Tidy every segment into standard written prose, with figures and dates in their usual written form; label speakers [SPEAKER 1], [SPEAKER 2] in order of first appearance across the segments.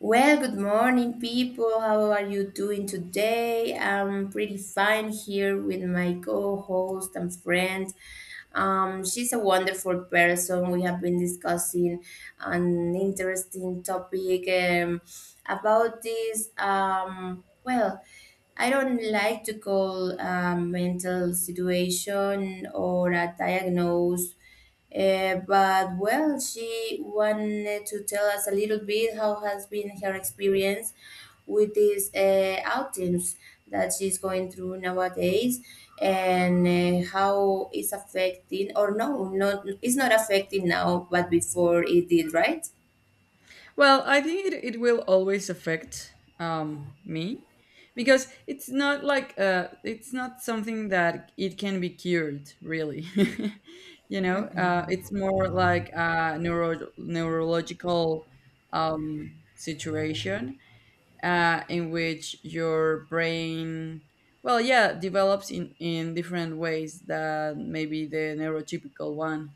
[SPEAKER 1] Well, good morning, people. How are you doing today? I'm pretty fine here with my co host and friend. She's a wonderful person. We have been discussing an interesting topic about this. I don't like to call a mental situation or a diagnose but well, she wanted to tell us a little bit how has been her experience with these outings that she's going through nowadays, and how it's affecting, or no, not it's not affecting now, but before it did, right?
[SPEAKER 2] Well, I think it will always affect me because it's not something that it can be cured, really. It's more like a neurological situation, in which your brain, well, yeah, develops in different ways than maybe the neurotypical one.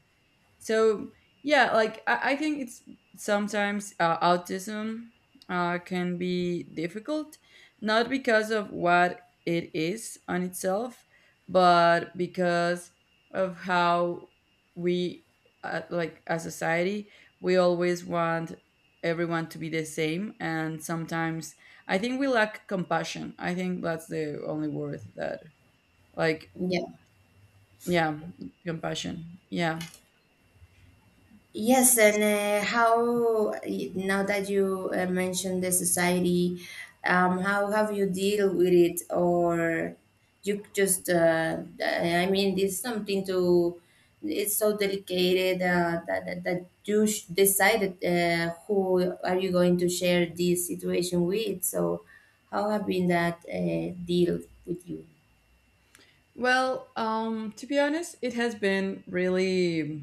[SPEAKER 2] So yeah, like I think it's sometimes, autism can be difficult, not because of what it is on itself, but because of how we, like, as society, we always want everyone to be the same, and sometimes I think we lack compassion. I think that's the only word that, like...
[SPEAKER 1] Yeah.
[SPEAKER 2] Yeah, compassion, yeah.
[SPEAKER 1] Yes, and how now that you mentioned the society, how have you deal with it, or you just? I mean, it's something to. It's so delicate that, that you decided who are you going to share this situation with. So, how have been that deal with you?
[SPEAKER 2] Well, to be honest, it has been really,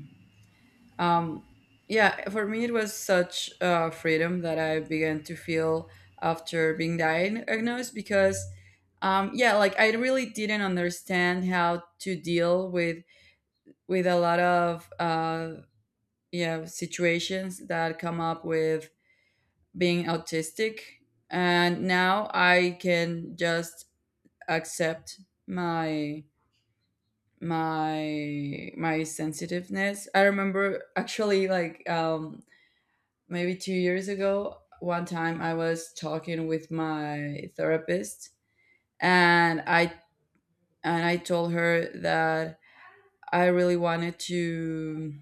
[SPEAKER 2] um, yeah, for me, it was such freedom that I began to feel after being diagnosed because, yeah, like, I really didn't understand how to deal with a lot of, yeah, situations that come up with being autistic, and now I can just accept my my sensitiveness. I remember, actually, like, maybe 2 years ago, one time I was talking with my therapist, and I told her that I really wanted to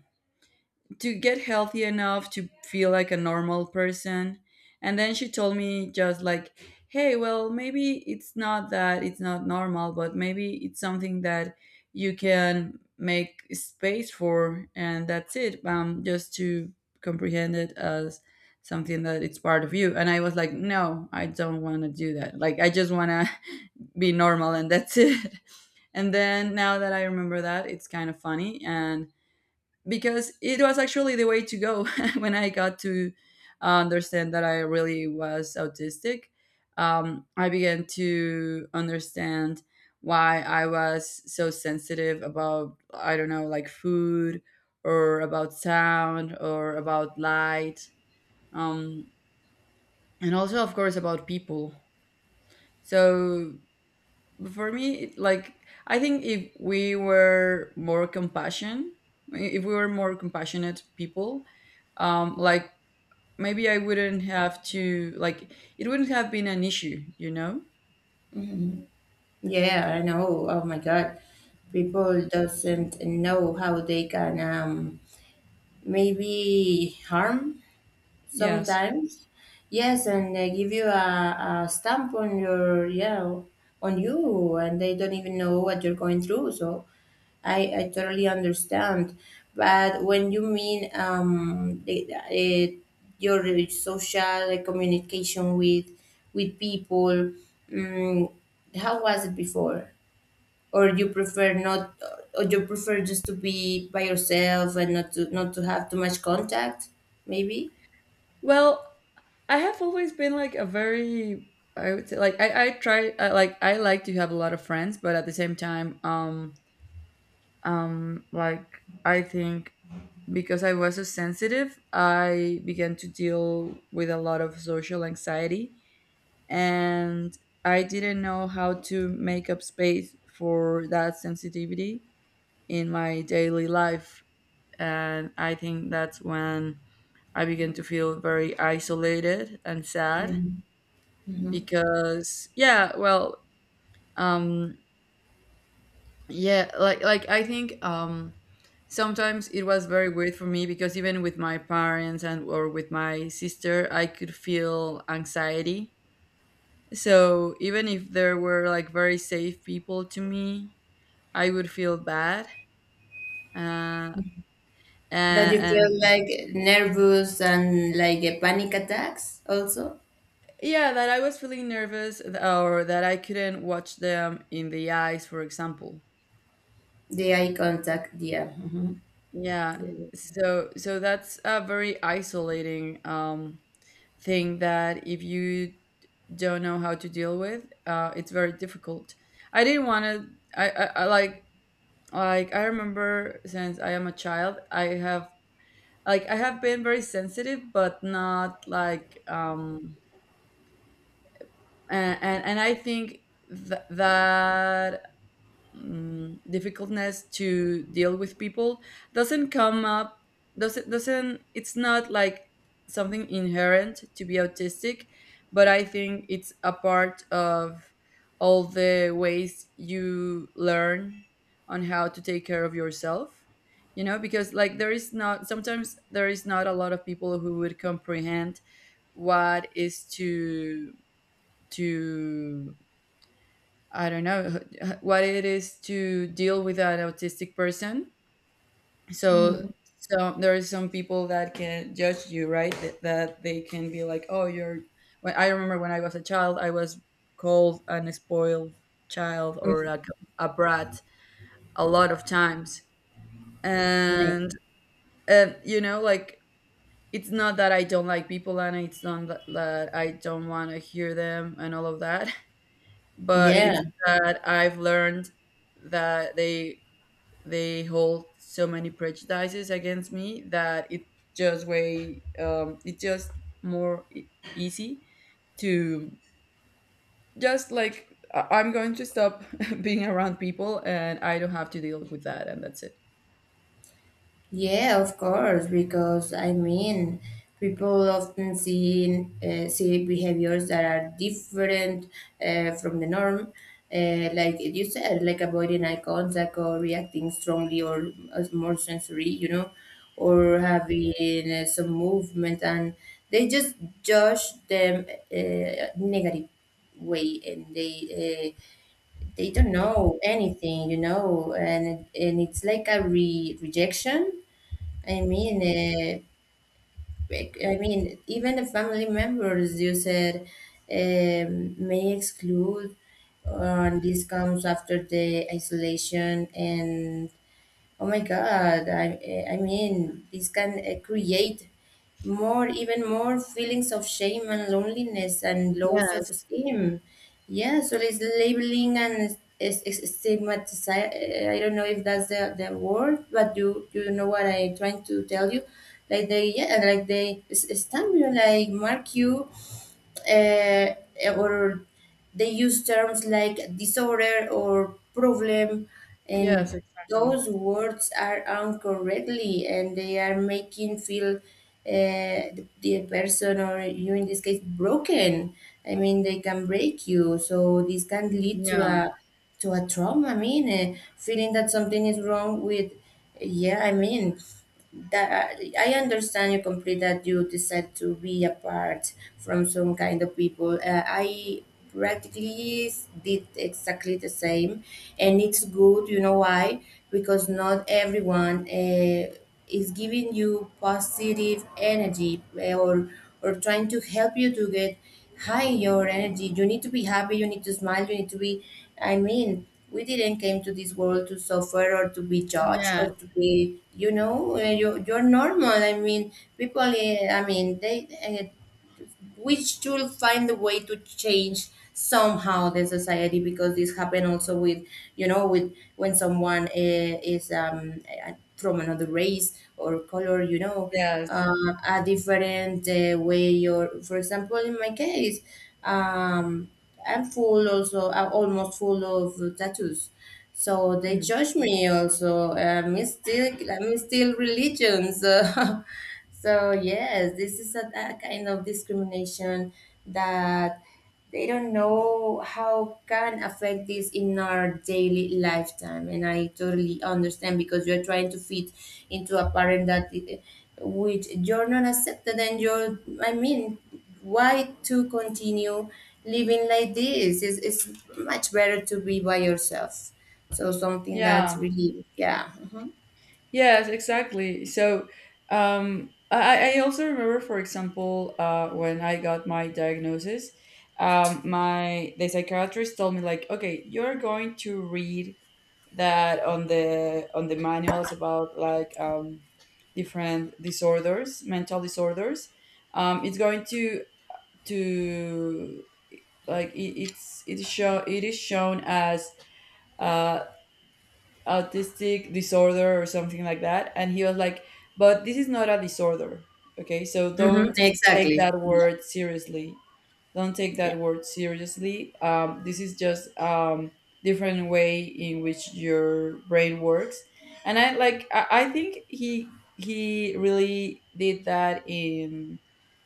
[SPEAKER 2] to get healthy enough to feel like a normal person. And then she told me, just like, hey, well, maybe it's not that it's not normal, but maybe it's something that you can make space for, and that's it. Just to comprehend it as something that it's part of you. And I was like, no, I don't want to do that. Like, I just want to be normal, and that's it. And then now that I remember that, it's kind of funny, and because it was actually the way to go when I got to understand that I really was autistic. I began to understand why I was so sensitive about, I don't know, like, food, or about sound, or about light, um, and also, of course, about people. So, for me like, I think if we were more compassion if we were more compassionate people, like, maybe I wouldn't have to like it wouldn't have been an issue.
[SPEAKER 1] Yeah, I know. Oh my God, people doesn't know how they can. Maybe harm
[SPEAKER 2] Yes.
[SPEAKER 1] sometimes. Yes, and they give you a stamp on your, yeah, on you, and they don't even know what you're going through. So I totally understand. But when you mean the, your social like, communication with people, um, how was it before? Or you prefer not or you prefer just to be by yourself and not to not to have too much contact maybe.
[SPEAKER 2] Well, I have always been like a very... I would say like I try I like to have a lot of friends, but at the same time, like, I think because I was so sensitive, I began to deal with a lot of social anxiety, and I didn't know how to make up space for that sensitivity in my daily life, and I think that's when I began to feel very isolated and sad.
[SPEAKER 1] Mm-hmm.
[SPEAKER 2] Because, yeah, well, um, yeah, like, I think, sometimes it was very weird for me, because even with my parents, and or with my sister, I could feel anxiety. So even if there were, like, very safe people to me, I would feel bad, uh
[SPEAKER 1] That
[SPEAKER 2] and,
[SPEAKER 1] you feel
[SPEAKER 2] and
[SPEAKER 1] like nervous and like a panic attacks also.
[SPEAKER 2] yeah, that I was feeling nervous, or that I couldn't watch them in the eyes, for example.
[SPEAKER 1] The eye contact, yeah.
[SPEAKER 2] Yeah.
[SPEAKER 1] Yeah.
[SPEAKER 2] So, that's a very isolating, thing that if you don't know how to deal with, it's very difficult. I didn't want to. I like, I remember, since I am a child, I have, like, I have been very sensitive, but not like, and and I think that, difficultness to deal with people doesn't come up, doesn't, it's not like something inherent to be autistic, but I think it's a part of all the ways you learn on how to take care of yourself, because, like, there is not sometimes there is not a lot of people who would comprehend what is to I don't know what it is to deal with an autistic person. So, there are some people that can judge you, right? That, that they can be like, "Oh, you're..." When I remember, when I was a child, I was called an spoiled child, or like a brat, a lot of times,
[SPEAKER 1] Mhm.
[SPEAKER 2] and you know, like, it's not that I don't like people, and it's not that, that I don't want to hear them, and all of that, but it's
[SPEAKER 1] Yeah.
[SPEAKER 2] that I've learned that they hold so many prejudices against me that it just way, it's just more easy to, just like, I'm going to stop being around people, and I don't have to deal with that, and that's it.
[SPEAKER 1] Yeah, of course, because I mean, people often see see behaviors that are different from the norm, like you said, like avoiding eye contact or reacting strongly or as more sensory, you know, or having some movement, and they just judge them negative way and they don't know anything, you know, and it's like a rejection. I mean, I mean, even the family members you said may exclude, and this comes after the isolation and, oh my God, I mean, this can create more, even more feelings of shame and loneliness and low self
[SPEAKER 2] Yes.
[SPEAKER 1] esteem. Yeah, so it's labeling and is stigmatization. I don't know if that's the word, but you know what I'm trying to tell you. Like they, yeah, like they stamp you, like mark you uh, or they use terms like disorder or problem,
[SPEAKER 2] Yes,
[SPEAKER 1] and
[SPEAKER 2] exactly.
[SPEAKER 1] those words are incorrectly, and they are making feel the person or you in this case broken. I mean, they can break you, so this can lead
[SPEAKER 2] Yeah.
[SPEAKER 1] to a trauma. I mean, feeling that something is wrong with, yeah, I mean that I understand you completely that you decide to be apart from some kind of people. I practically did exactly the same, and it's good, you know why? Because not everyone is giving you positive energy, or trying to help you to get high your energy. You need to be happy, you need to smile, you need to be, I mean, we didn't came to this world to suffer or to be judged
[SPEAKER 2] Yes.
[SPEAKER 1] or to be, you know, you, you're normal. I mean, people I mean they uh, which will find a way to change somehow the society, because this happened also with, you know, with when someone is from another race or color, you know,
[SPEAKER 2] Yes.
[SPEAKER 1] uh, a different way, or for example in my case, um, I'm full also, I'm almost full of tattoos, so they
[SPEAKER 2] Mm.
[SPEAKER 1] judge me also. I'm still religions. So yes, this is a kind of discrimination that they don't know how can affect this in our daily lifetime, and I totally understand because you're trying to fit into a pattern that which you're not accepted and you're, I mean, why to continue living like this? It's much better to be by yourself. So something that's
[SPEAKER 2] Yeah.
[SPEAKER 1] really, yeah.
[SPEAKER 2] Yes, exactly. So, I also remember, for example, when I got my diagnosis, my the psychiatrist told me, like, okay, you're going to read that on the, on the manuals about, like, different disorders, mental disorders. It's going to, like, it is shown as, uh, autistic disorder, or something like that. And he was like, but this is not a disorder. Okay, so
[SPEAKER 1] Hmm.
[SPEAKER 2] don't take
[SPEAKER 1] Exactly.
[SPEAKER 2] that
[SPEAKER 1] Yeah.
[SPEAKER 2] word seriously. Don't take
[SPEAKER 1] Yeah.
[SPEAKER 2] that word seriously. This is just, different way in which your brain works. And I, like, I think he really did that in,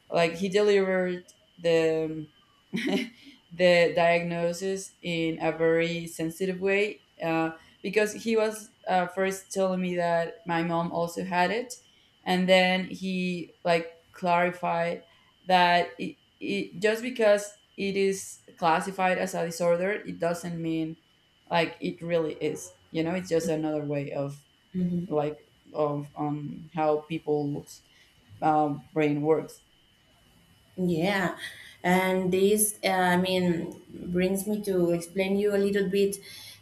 [SPEAKER 2] like, he delivered the the diagnosis in a very sensitive way, because he was, first telling me that my mom also had it, and then he, like, clarified that it just because it is classified as a disorder, it doesn't mean, like, it really is. You know, it's just another way of, like, of how people's, brain works.
[SPEAKER 1] Yeah, and this, I mean, brings me to explain you a little bit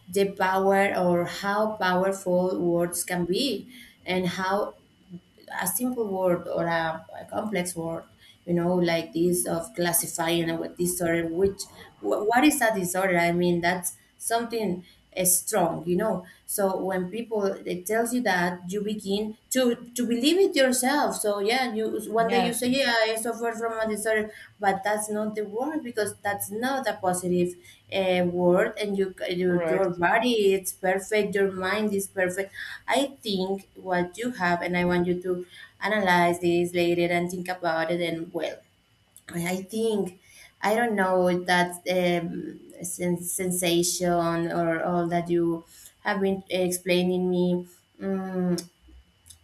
[SPEAKER 1] the power or how powerful words can be, and how a simple word or a complex word, you know, like this of classifying a disorder, which what is a disorder? I mean, that's something strong, you know. So when people it tells you that, you begin to believe it yourself. So yeah, you one day you
[SPEAKER 2] Yeah.
[SPEAKER 1] say, yeah, I suffer from a disorder, but that's not the word because that's not a positive word, and you your
[SPEAKER 2] Correct.
[SPEAKER 1] body it's perfect, your mind is perfect. I think what you have, and I want you to analyze this later and think about it. And well, I think I don't know that sensation or all that you have been explaining me. Mm,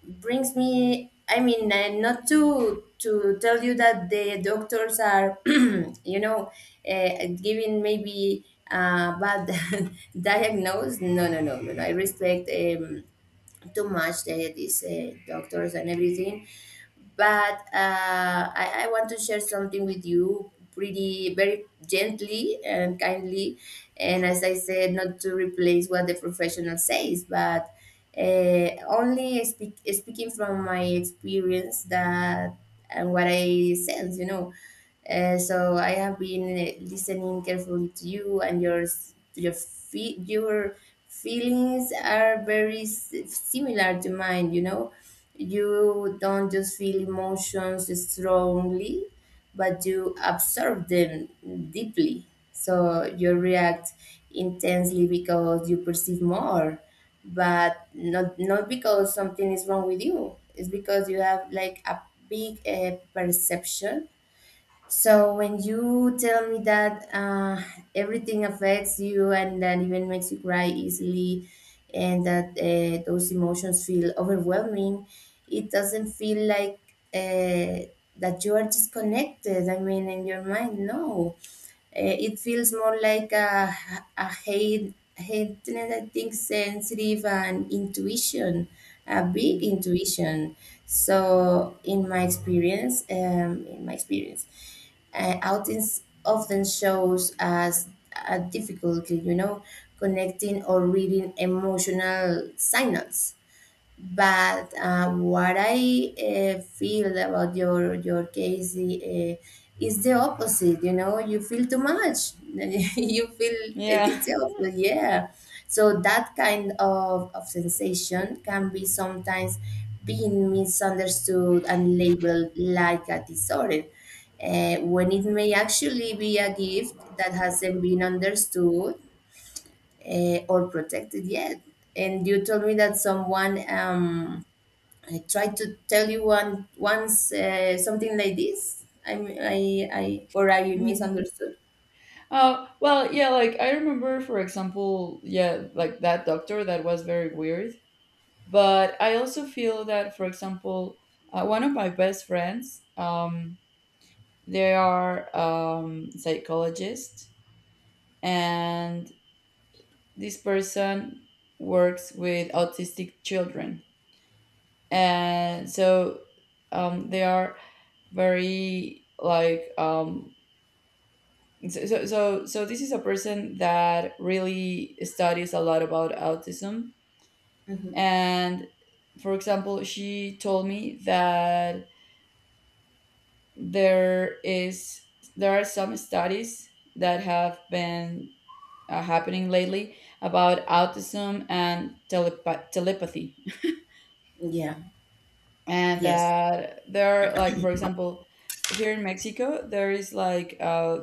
[SPEAKER 1] brings me, I mean, not to to tell you that the doctors are you know giving maybe bad diagnose. No no no no no, I respect too much the, these doctors and everything, but I want to share something with you pretty very gently and kindly, and as I said, not to replace what the professional says, but only speak, speaking from my experience that and what I sense, you know. So I have been listening carefully to you and your to your your feelings are very similar to mine. You know, you don't just feel emotions strongly, but you absorb them deeply. So you react intensely because you perceive more, but not not because something is wrong with you. It's because you have like a big perception. So when you tell me that everything affects you and that even makes you cry easily, and that those emotions feel overwhelming, it doesn't feel like uh, that you are disconnected. I mean, in your mind, no, it feels more like a heightened, I think, sensitive and intuition, a big
[SPEAKER 2] Mm.
[SPEAKER 1] intuition. So, in my experience, outings often shows as a difficulty, you know, connecting or reading emotional signals. But what I feel about your case is the opposite. You know, you feel too much. You feel, it,
[SPEAKER 2] Yeah.
[SPEAKER 1] it's the opposite. Yeah. So that kind of sensation can be sometimes being misunderstood and labeled like a disorder, when it may actually be a gift that hasn't been understood or protected yet. And you told me that someone I tried to tell you one once something like this. I or I
[SPEAKER 2] Mhm.
[SPEAKER 1] misunderstood.
[SPEAKER 2] Well, yeah, like, I remember, for example, yeah, like, that doctor that was very weird. But I also feel that, for example, one of my best friends, they are, psychologists, and this person works with autistic children, and so, they are very, like, so, this is a person that really studies a lot about autism.
[SPEAKER 1] Hmm.
[SPEAKER 2] And, for example, she told me that there is there are some studies that have been, happening lately about autism and telepathy,
[SPEAKER 1] Yeah.
[SPEAKER 2] and
[SPEAKER 1] Yes.
[SPEAKER 2] that there are, like, for example, here in Mexico there is, like,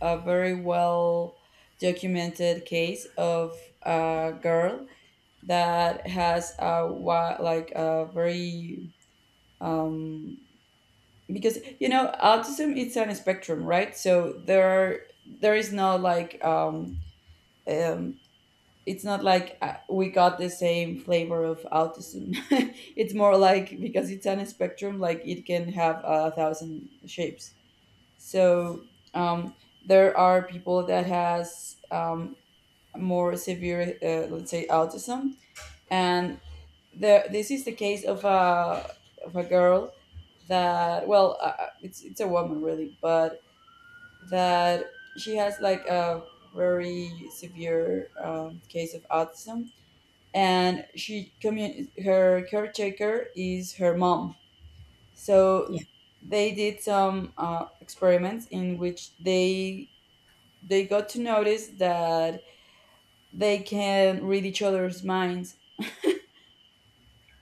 [SPEAKER 2] a very well documented case of a girl that has a like a very, um because, you know, autism, it's on a spectrum, right? So there are, there is not like um it's not like, we got the same flavor of autism. It's more like, because it's on a spectrum, like, it can have a thousand shapes. So, um there are people that has, more severe, let's say, autism. And this is the case of a girl that, well, it's a woman really, but that she has like a very severe, case of autism. And she her caretaker is her mom. So
[SPEAKER 1] Yeah.
[SPEAKER 2] they did some, experiments in which they got to notice that they can read each other's minds.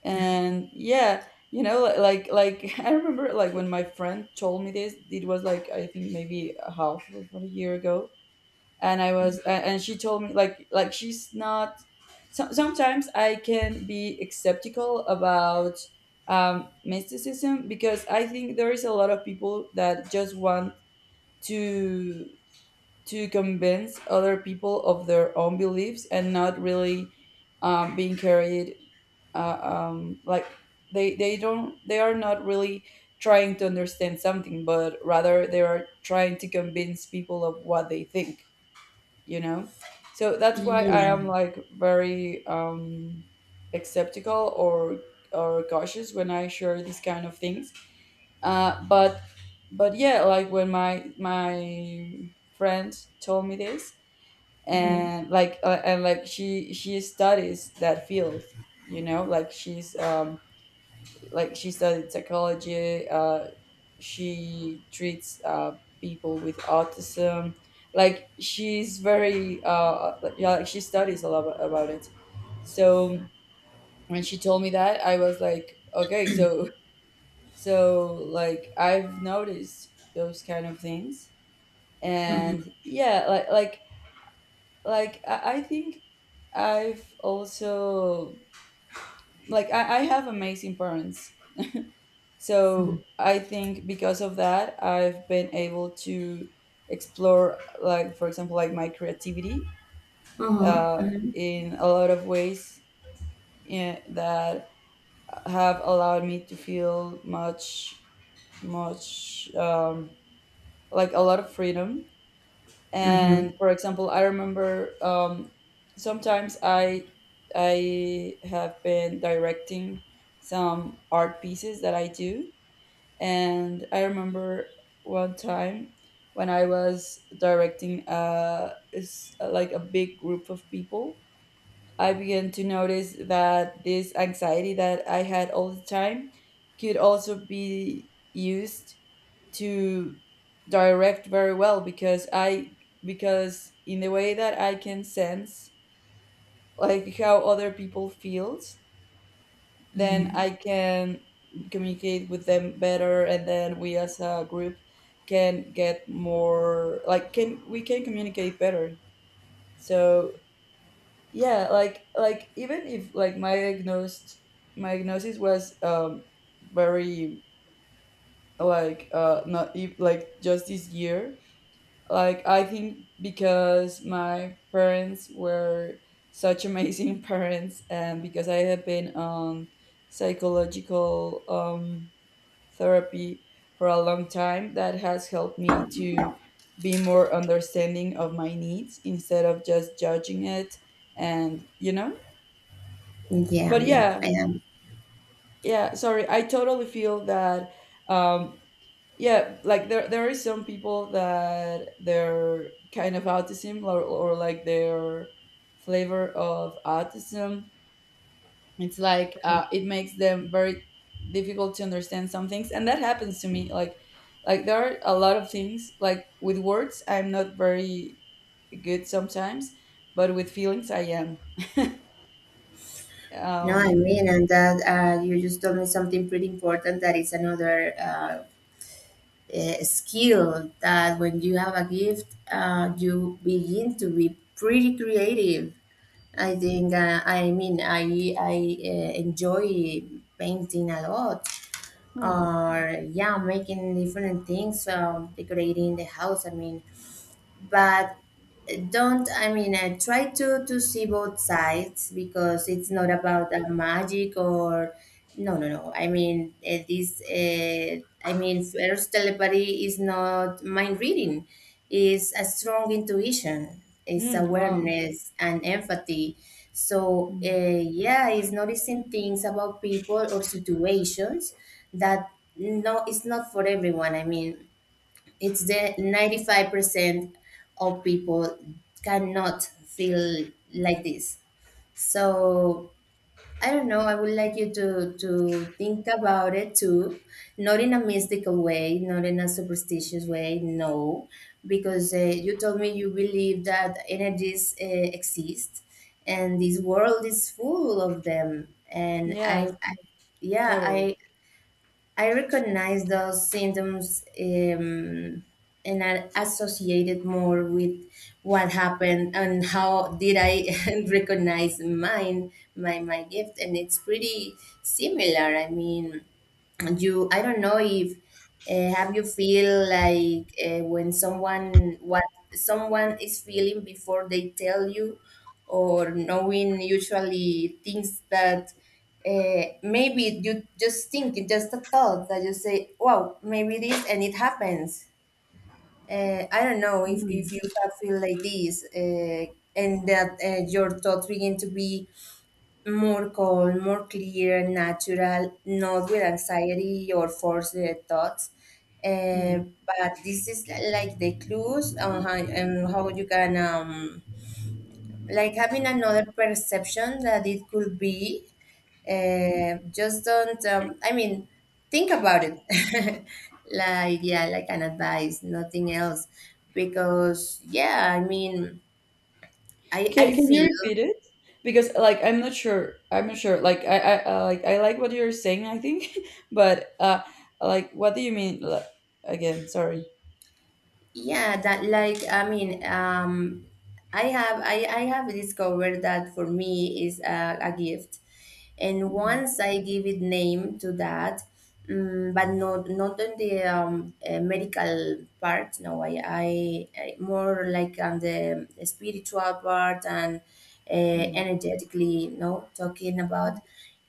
[SPEAKER 2] And yeah, you know, like, I remember, like, when my friend told me this, it was like, I think, maybe a half of a year ago. And and she told me, like, she's not... So, sometimes I can be skeptical about, mysticism, because I think there is a lot of people that just want to to convince other people of their own beliefs, and not really, being carried, like, they are not really trying to understand something, but rather they are trying to convince people of what they think you know so that's why I am,
[SPEAKER 1] Yeah.
[SPEAKER 2] like, very, skeptical, or cautious, when I share these kind of things. But, yeah, like, when my friend told me this,
[SPEAKER 1] Mm-hmm.
[SPEAKER 2] and like, and like, she studies that field. You know, like, she's, like, she studied psychology, she treats, people with autism. Like, she's very, yeah, like, she studies a lot about it. So, when she told me that, I was like, okay, so, like, I've noticed those kind of things. And yeah, like, I think I've also, like, I have amazing parents. So I think because of that, I've been able to explore, like, for example, like, my creativity, uh,
[SPEAKER 1] Mm-hmm. Mm-hmm.
[SPEAKER 2] in a lot of ways, that have allowed me to feel much, much um, like, a lot of freedom.
[SPEAKER 1] Mm-hmm.
[SPEAKER 2] And, for example, I remember, sometimes I have been directing some art pieces that I do. And I remember one time when I was directing a, like, a big group of people, I began to notice that this anxiety that I had all the time could also be used to direct very well. Because I, because in the way that I can sense, like, how other people feels, then I can communicate with them better, and then we as a group can get more, like, can we can communicate better. So yeah, like, even if, like, my diagnosis was, very, like, not like, just this year, like, I think because my parents were such amazing parents, and because I have been on psychological, therapy, for a long time, that has helped me to be more understanding of my needs, instead of just judging it. And, you know,
[SPEAKER 1] Yeah.
[SPEAKER 2] but
[SPEAKER 1] Yeah. I
[SPEAKER 2] yeah,
[SPEAKER 1] am.
[SPEAKER 2] yeah, sorry, I totally feel that, um, yeah, like, there is some people that their kind of autism, or like their flavor of autism, it's like, it makes them very difficult to understand some things. And that happens to me, like there are a lot of things, like, with words I'm not very good sometimes, but with feelings I am.
[SPEAKER 1] No, I
[SPEAKER 2] Um.
[SPEAKER 1] mean, and that you just told me something pretty important. That is another skill that when you have a gift, you begin to be pretty creative. I think I mean I enjoy painting a lot,
[SPEAKER 2] Hmm.
[SPEAKER 1] or yeah, making different things, decorating the house. I mean, but don't, I mean, I try to see both sides, because it's not about the magic or, no no no, I mean, this I mean, first telepathy is not mind reading, it's a strong intuition, it's
[SPEAKER 2] Hmm, wow.
[SPEAKER 1] awareness and empathy. So
[SPEAKER 2] Hmm.
[SPEAKER 1] yeah, it's noticing things about people or situations that, no, it's not for everyone. I mean, it's the 95% of people cannot feel like this. So I don't know, I would like you to think about it too, not in a mystical way, not in a superstitious way, no, because you told me you believe that energies exist and this world is full of them, and
[SPEAKER 2] Yes,
[SPEAKER 1] I, yeah,
[SPEAKER 2] totally.
[SPEAKER 1] I recognize those symptoms and I associated more with what happened and how did I recognize mine, my gift, and it's pretty similar. I mean, you I don't know if have you feel like when someone, what someone is feeling before they tell you, or knowing usually things that maybe you just think it's just a thought that you say, wow, maybe this and it happens. I don't know
[SPEAKER 2] Hmm.
[SPEAKER 1] if you have feel like this, and that your thoughts begin to be more calm, more clear, natural, not with anxiety or forced thoughts. Uh,
[SPEAKER 2] Hmm.
[SPEAKER 1] but this is like the clues on how you can, like having another perception that it could be. Just don't, I mean, think about it. Like, yeah, like an advice, nothing else. Because, yeah, I mean, I, I
[SPEAKER 2] Can you
[SPEAKER 1] feel
[SPEAKER 2] repeat it? Because, like, I'm not sure. I'm not sure. Like, I like, I like what you're saying, I think, but, like, what do you mean? Like, again, sorry.
[SPEAKER 1] yeah that like I mean, I have discovered that for me is a gift, and
[SPEAKER 2] Mhm.
[SPEAKER 1] once I give it name to that, but not on the medical part. No, I more like on the spiritual part, and uh,
[SPEAKER 2] Mm.
[SPEAKER 1] energetically, no, talking about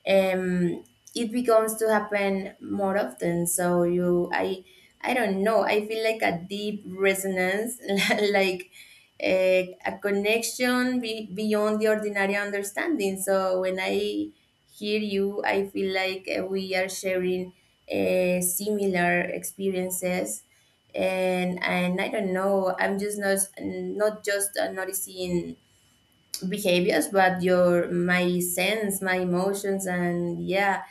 [SPEAKER 1] um, it becomes to happen more often. So I don't know. I feel like a deep resonance, like a connection beyond the ordinary understanding. So when I hear you, I feel like we are sharing similar experiences. And I don't know, I'm just not, not just noticing behaviors but your my sense, my emotions. And yeah,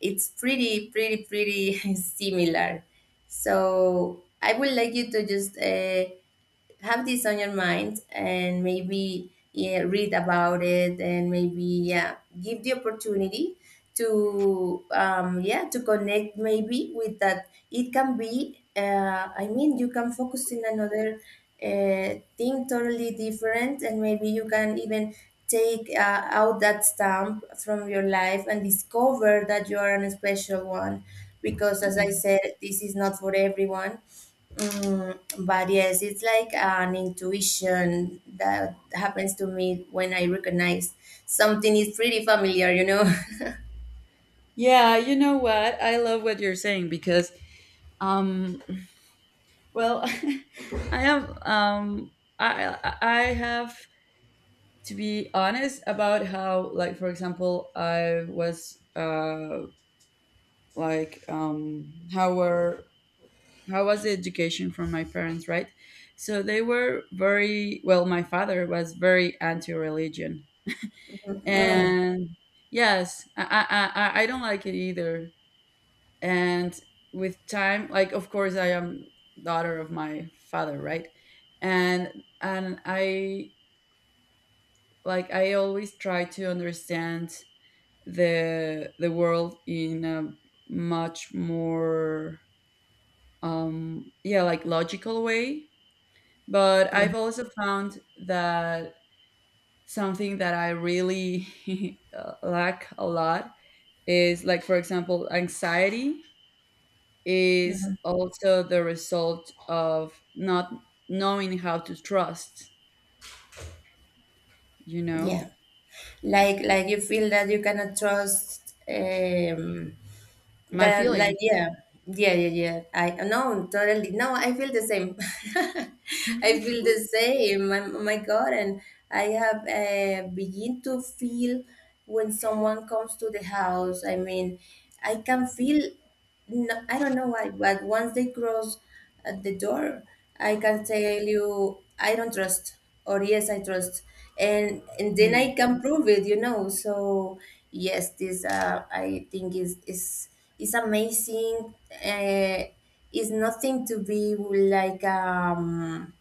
[SPEAKER 1] it's pretty similar. So I would like you to just have this on your mind and maybe, yeah, read about it, and maybe, yeah, give the opportunity to, yeah, to connect maybe with that. It can be, you can focus in another uh, thing totally different, and maybe you can even take out that stamp from your life and discover that you are an special one, because as I
[SPEAKER 2] Mm.
[SPEAKER 1] said, this is not for everyone. Mm, but yes, it's like an intuition that happens to me when I recognize something is pretty familiar, you know.
[SPEAKER 2] Yeah, you know what? I love what you're saying, because, um well, I have, I have to be honest about how, like, for example, I was, like, how was the education from my parents, right? So they were very well, my father was very anti-religion,
[SPEAKER 1] Oh,
[SPEAKER 2] and yes, I don't like it either. And with time, like, of course, I am daughter of my father, right? And I, like, I always try to understand the world in a much more, yeah, like, logical way. But
[SPEAKER 1] yeah,
[SPEAKER 2] I've also found that something that I really lack a lot, is, like, for example, anxiety is also the result of not knowing how to trust, you know,
[SPEAKER 1] yeah. Like you feel that you cannot trust.
[SPEAKER 2] my
[SPEAKER 1] That, like,
[SPEAKER 2] feelings.
[SPEAKER 1] yeah, yeah, yeah, yeah. I, no, totally. No, I feel the same. I feel the same. My God. And I have begin to feel when someone comes to the house. I mean, I can feel, no, I don't know why, but once they cross the door, I can tell you I don't trust or yes I trust, and then I
[SPEAKER 2] Mm.
[SPEAKER 1] can prove it, you know. So yes, this, I think is, is amazing. It's nothing to be like,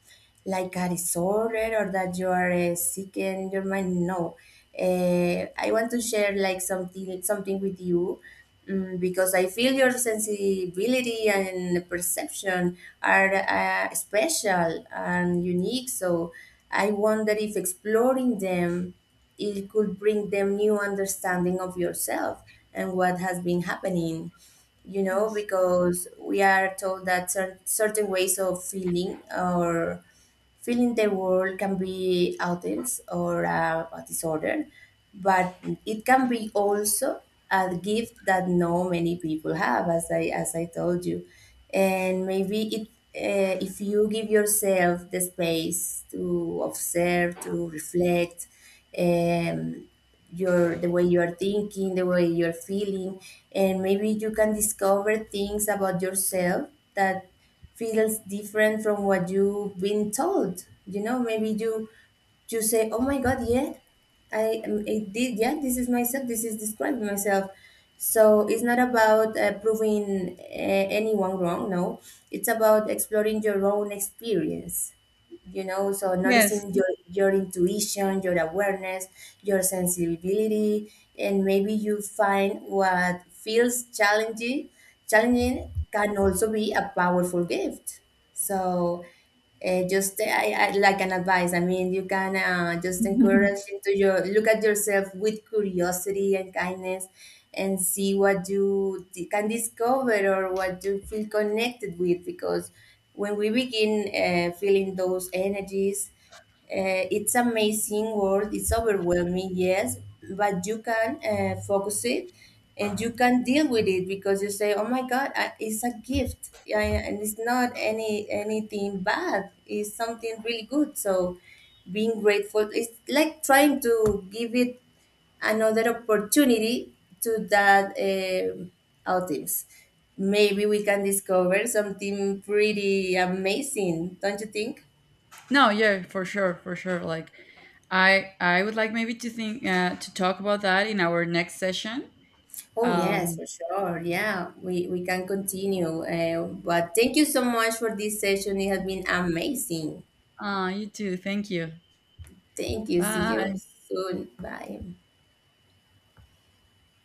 [SPEAKER 1] like a disorder, or that you are sick in your mind. No, I want to share like something with you. Mm, because I feel your sensibility and perception are special and unique. So I wonder if exploring them, it could bring them new understanding of yourself and what has been happening, you know,
[SPEAKER 2] Yes.
[SPEAKER 1] because we are told that certain ways of feeling or feeling the world can be outings or a disorder, but it can be also a gift that no many people have, as I told you, and maybe it. If you give yourself the space to observe, to reflect, um, your the way you are thinking, the way you're feeling, and maybe you can discover things about yourself that feels different from what you've been told. You know, maybe you you say, "Oh my God, yeah, I did, yeah, this is myself, this is describing myself." So it's not about proving anyone wrong. No, it's about exploring your own experience, you know. So
[SPEAKER 2] Yes.
[SPEAKER 1] noticing your intuition, your awareness, your sensibility, and maybe you find what feels challenging. Challenging can also be a powerful gift. So like an advice, I mean, you can just
[SPEAKER 2] No.
[SPEAKER 1] encourage into your look at yourself with curiosity and kindness, and see what you can discover or what you feel connected with. Because when we begin feeling those energies, it's amazing world, it's overwhelming, yes, but you can focus it and you can deal with it, because you say, oh my god, I, it's a gift. Yeah, yeah. And it's not anything bad, it's something really good. So being grateful, it's like trying to give it another opportunity to that, audience. Maybe we can discover something pretty amazing, don't you think?
[SPEAKER 2] Yeah, for sure, for sure. Like, I would like, maybe, to think, to talk about that in our next session.
[SPEAKER 1] Oh, yes,
[SPEAKER 2] Um,
[SPEAKER 1] for sure. Yeah, we can continue. But thank you so much for this session. It has been amazing.
[SPEAKER 2] you too. Thank you.
[SPEAKER 1] Thank you. See you
[SPEAKER 2] Bye.
[SPEAKER 1] soon. Bye.